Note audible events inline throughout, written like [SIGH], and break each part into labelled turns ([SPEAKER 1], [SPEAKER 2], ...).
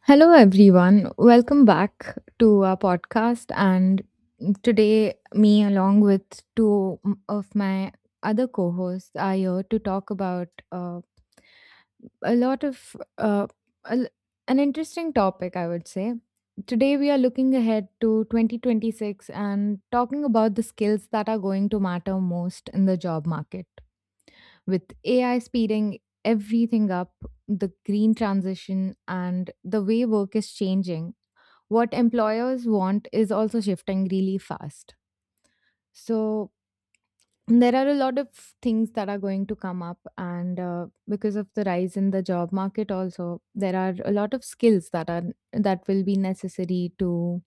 [SPEAKER 1] Hello, everyone. Welcome back to our podcast. And today, me, along with two m- of my other co hosts, are here to talk about a lot of a l- an interesting topic, I would say. Today, we are looking ahead to 2026 and talking about the skills that are going to matter most in the job market with AI speeding everything up, the green transition, and the way work is changing. What employers want is also shifting really fast. So, there are a lot of things that are going to come up, and because of the rise in the job market, also there are a lot of skills that will be necessary to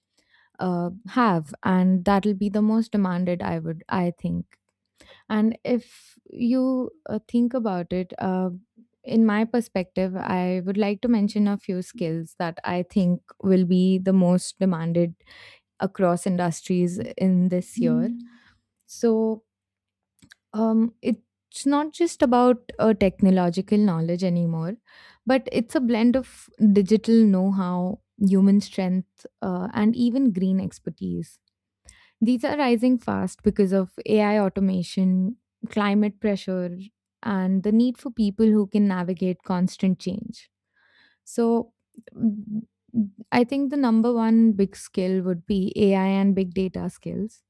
[SPEAKER 1] have, and that'll be the most demanded. I think. And if you think about it, in my perspective, I would like to mention a few skills that I think will be the most demanded across industries in this year. Mm. So it's not just about technological knowledge anymore, but it's a blend of digital know how, human strength, and even green expertise. These are rising fast because of AI automation, climate pressure, and the need for people who can navigate constant change. So, mm, I think the number one big skill would be AI and big data skills.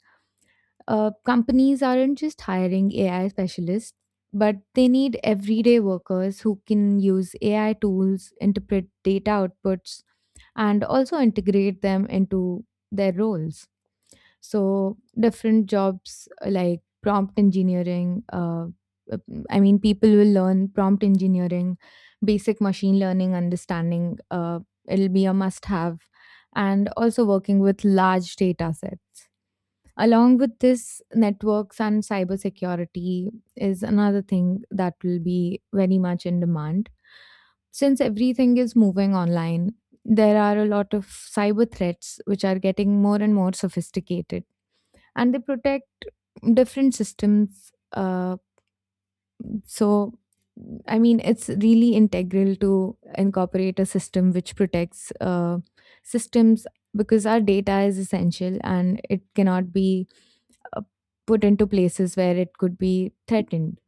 [SPEAKER 1] Companies aren't just hiring AI specialists, but they need everyday workers who can use AI tools, interpret data outputs, and also integrate them into their roles. So different jobs like prompt engineering. I mean, people will learn prompt engineering, basic machine learning understanding. It'll be a must-have, and also working with large data sets. Along with this, networks and cybersecurity is another thing that will be very much in demand. Since everything is moving online, there are a lot of cyber threats which are getting more and more sophisticated, and they protect different systems. So I mean, it's really integral to incorporate a system which protects systems, because our data is essential and it cannot be uh, put into places where it could be threatened.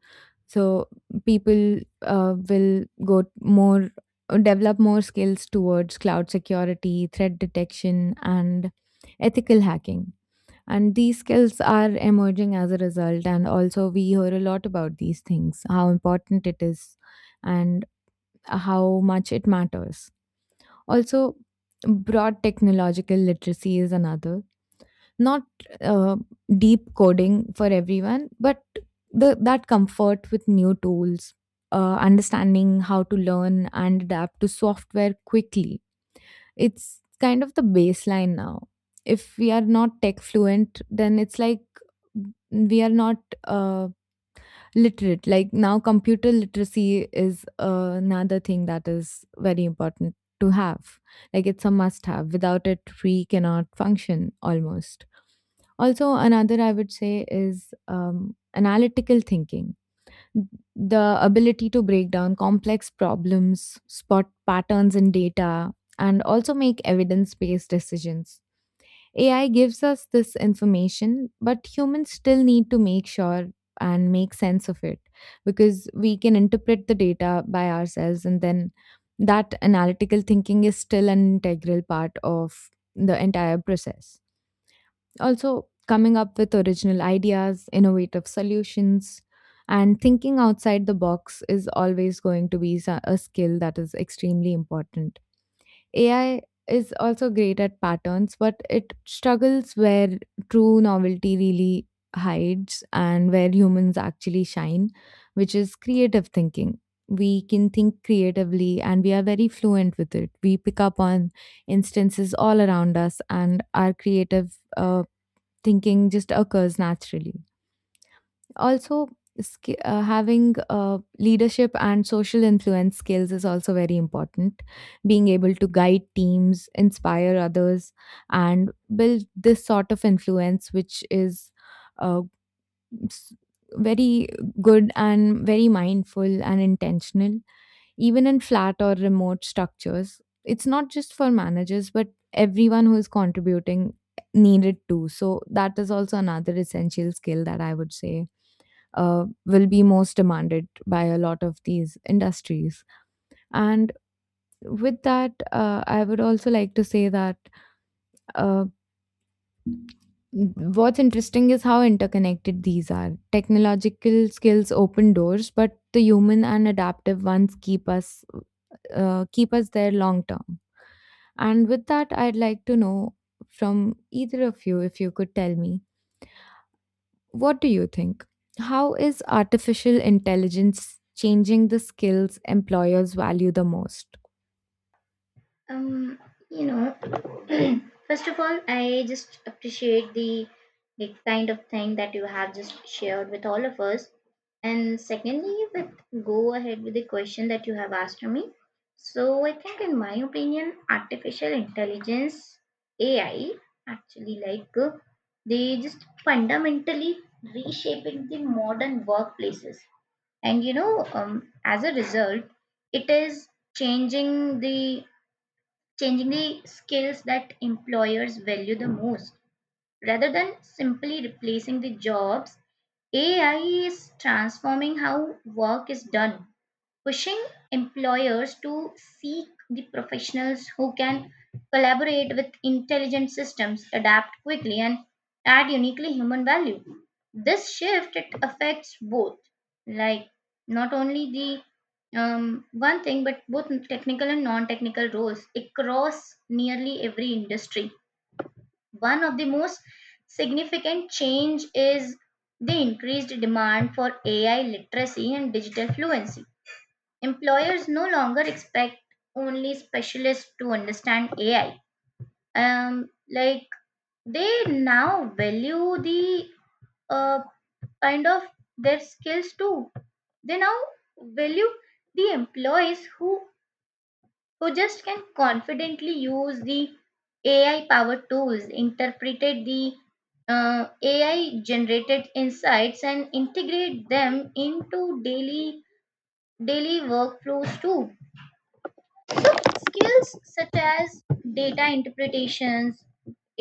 [SPEAKER 1] So people will go t- more develop more skills towards cloud security, threat detection, and ethical hacking, and these skills are emerging as a result. And also, we hear a lot about these things, how important it is, and how much it matters. Also, broad technological literacy is another. Not uh, deep coding for everyone, but that comfort with new tools, understanding how to learn and adapt to software quickly. It's kind of the baseline now. If we are not tech fluent, then it's like we are not uh, literate. Like now, computer literacy is another thing that is very important to have. Like, it's a must have. Without it, we cannot function almost. Also, another I would say is analytical thinking, the ability to break down complex problems, spot patterns in data, and also make evidence based decisions. AI gives us this information, but humans still need to make sure and make sense of it, because we can interpret the data by ourselves, and then that analytical thinking is still an integral part of the entire process. Also, coming up with original ideas, innovative solutions, and thinking outside the box is always going to be a skill that is extremely important. AI is also great at patterns, but it struggles where true novelty really hides and where humans actually shine, which is creative thinking. We can think creatively, and we are very fluent with it. We pick up on instances all around us, and our creative thinking just occurs naturally. Also, having leadership and social influence skills is also very important. Being able to guide teams, inspire others, and build this sort of influence, which is uh, s- very good and very mindful and intentional, even in flat or remote structures. It's not just for managers, but everyone who is contributing needed to. So that is also another essential skill that I would say will be most demanded by a lot of these industries. And with that, I would also like to say that. Uh, what's interesting is how interconnected these are. Technological skills open doors, but the human and adaptive ones keep us keep us there long term. And with that, I'd like to know from either of you, if you could tell me, what do you think? How is artificial intelligence changing the skills employers value the most?
[SPEAKER 2] um you know [CLEARS THROAT] First of all, I just appreciate the kind of thing that you have just shared with all of us, and secondly, with go ahead with the question that you have asked me. So I think, in my opinion, artificial intelligence, AI, actually they just fundamentally reshaping the modern workplaces. And as a result, it is changing the changing the skills that employers value the most. Rather than simply replacing the jobs, AI is transforming how work is done, pushing employers to seek the professionals who can collaborate with intelligent systems, adapt quickly, and add uniquely human value. This shift, it affects both, like not only the one thing, but both technical and non-technical roles across nearly every industry. One of the most significant change is the increased demand for AI literacy and digital fluency. Employers no longer expect only specialists to understand AI. Um, like they now value the uh, kind of their skills too. They now value the employees who just can confidently use the AI powered tools, interpreted the AI generated insights, and integrate them into daily daily workflows too. Skills such as data interpretations,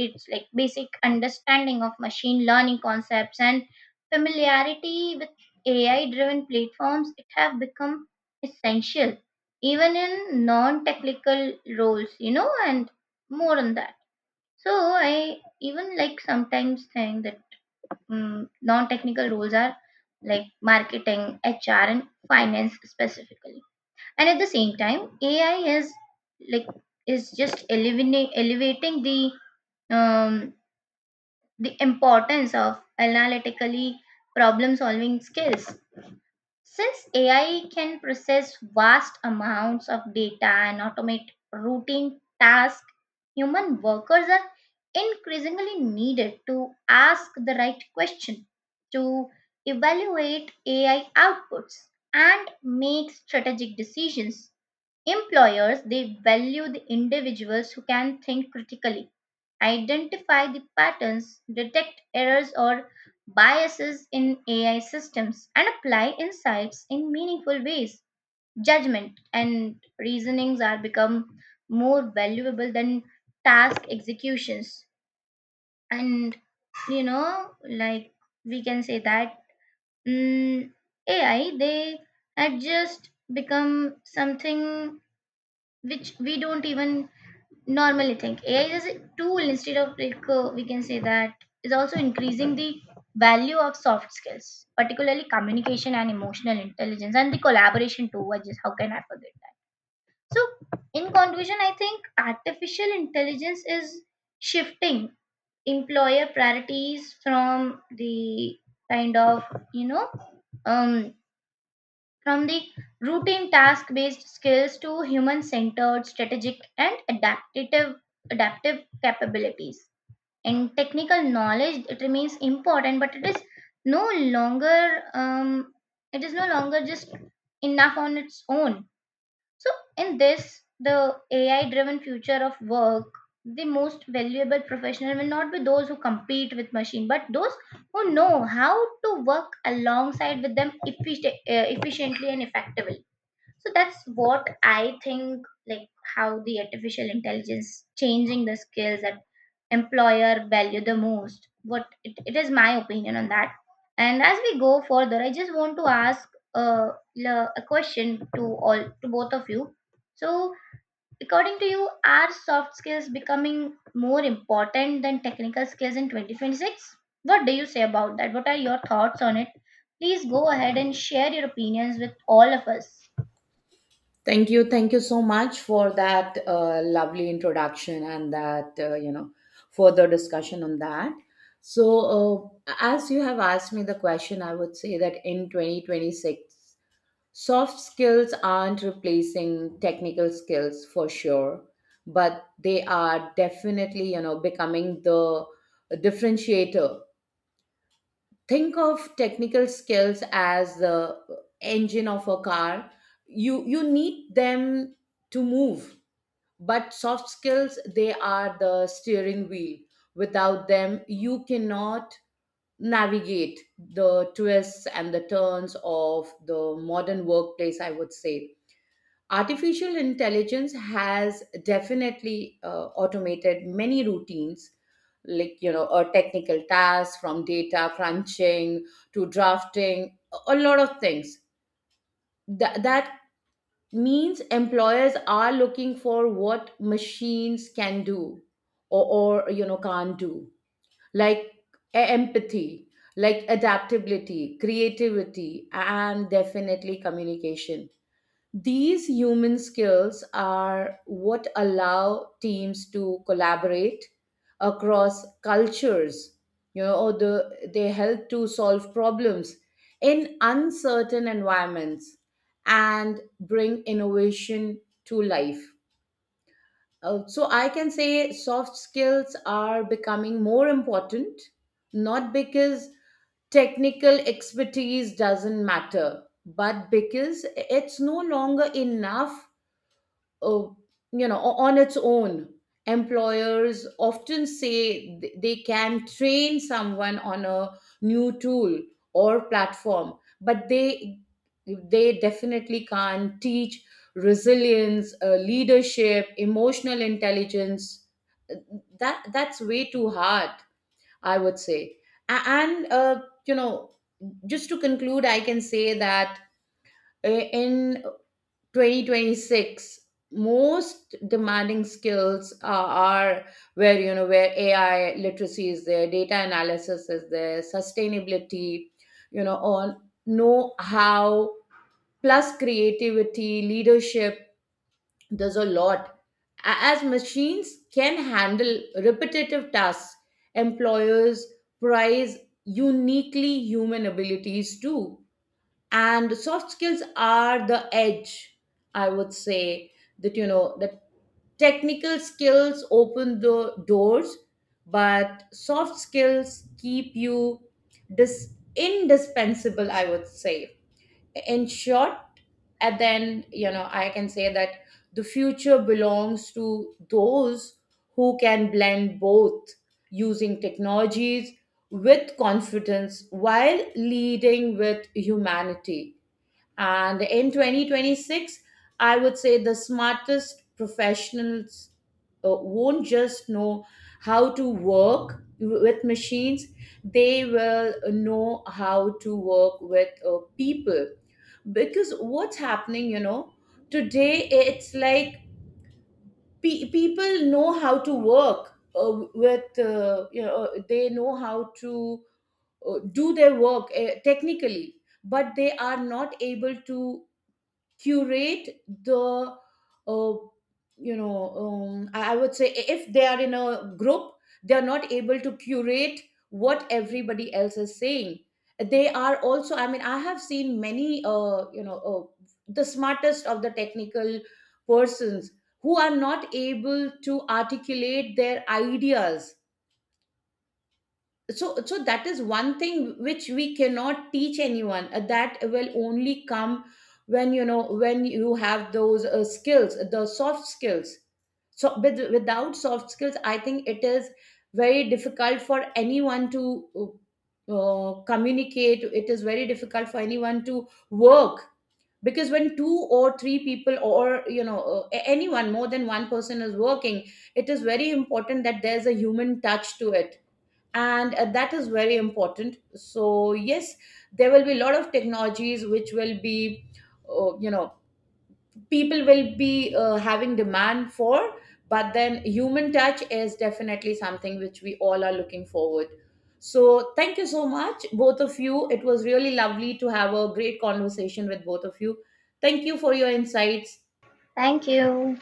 [SPEAKER 2] it's like basic understanding of machine learning concepts and familiarity with ai driven platforms, it have become essential even in non technical roles, you know, and more on that. So I even like sometimes think that mm non technical roles are like marketing, hr, and finance specifically. And at the same time, ai is like is just elevating um, the importance of analytically problem solving skills. Since ai can process vast amounts of data and automate routine tasks, human workers are increasingly needed to ask the right question, to evaluate ai outputs, and make strategic decisions. Employers, they value the individuals who can think critically, identify the patterns, detect errors or biases in AI systems, and apply insights in meaningful ways. Judgment and reasonings are become more valuable than task executions. And you know like we can say that mm, AI, they had just become something which we don't even normally think. AI is a tool instead of we can say that is also increasing the value of soft skills, particularly communication and emotional intelligence and the collaboration too. What, just how can I forget that? So in conclusion, I think artificial intelligence is shifting employer priorities from the kind of you know um from the routine task based skills to human centered strategic and adaptive capabilities. And technical knowledge, it remains important, but it is no longer um, it is no longer just enough on its own. So, in this, the AI driven future of work, the most valuable professional will not be those who compete with machine, but those who know how to work alongside with them efficiently and effectively. So that's what I think, like, how the artificial intelligence changing the skills that employer value the most. It is my opinion on that. And as we go further, I just want to ask uh, a question to all to both of you. So, according to you, are soft skills becoming more important than technical skills in 2026? What do you say about that? What are your thoughts on it? Please go ahead and share your opinions with all of us.
[SPEAKER 3] Thank you. Thank you so much for that lovely introduction and further discussion on that. As you have asked me the question, I would say that in 2026, soft skills aren't replacing technical skills for sure, but they are definitely, becoming the differentiator. Think of technical skills as the engine of a car. You need them to move, but soft skills, they are the steering wheel. Without them you cannot navigate the twists and the turns of the modern workplace, I would say. Artificial intelligence has definitely automated many routines, like a technical task, from data crunching to drafting, a lot of things. That means employers are looking for what machines can do or can't do, like empathy, like adaptability, creativity, and definitely communication. These human skills are what allow teams to collaborate across cultures. They help to solve problems in uncertain environments and bring innovation to life. So I can say soft skills are becoming more important, not because technical expertise doesn't matter, but because it's no longer enough uh, on its own. Employers often say they can train someone on a new tool or platform, but they definitely can't teach resilience, leadership, emotional intelligence. That's way too hard, I would say. A- and you know Just to conclude, I can say that in 2026, most demanding skills are where, you know, where AI literacy is there, data analysis is there, sustainability, you know, on know how plus creativity, leadership, there's a lot. As machines can handle repetitive tasks, employers prize uniquely human abilities too, and soft skills are the edge. I would say that that technical skills open the doors, but soft skills keep you indispensable, I would say, in short. And then you know I can say that the future belongs to those who can blend both, using technologies with confidence while leading with humanity. And in 2026, I would say the smartest professionals won't just know how to work with machines, they will know how to work with people. Because what's happening, you know, today it's like people know how to work they know how to do their work technically, but they are not able to curate the uh, I would say, if they are in a group, they are not able to curate what everybody else is saying. They are also, I mean, I have seen many the smartest of the technical persons who are not able to articulate their ideas. So that is one thing which we cannot teach anyone. That will only come when when you have those skills, the soft skills. So without soft skills, I think it is very difficult for anyone to communicate. It is very difficult for anyone to work, because when two or three people, or anyone more than one person is working, it is very important that there's a human touch to it. And that is very important. So yes, there will be a lot of technologies which will be uh, you know people will be having demand for, but then human touch is definitely something which we all are looking forward. So thank you so much, both of you. It was really lovely to have a great conversation with both of you. Thank you for your insights.
[SPEAKER 2] Thank you.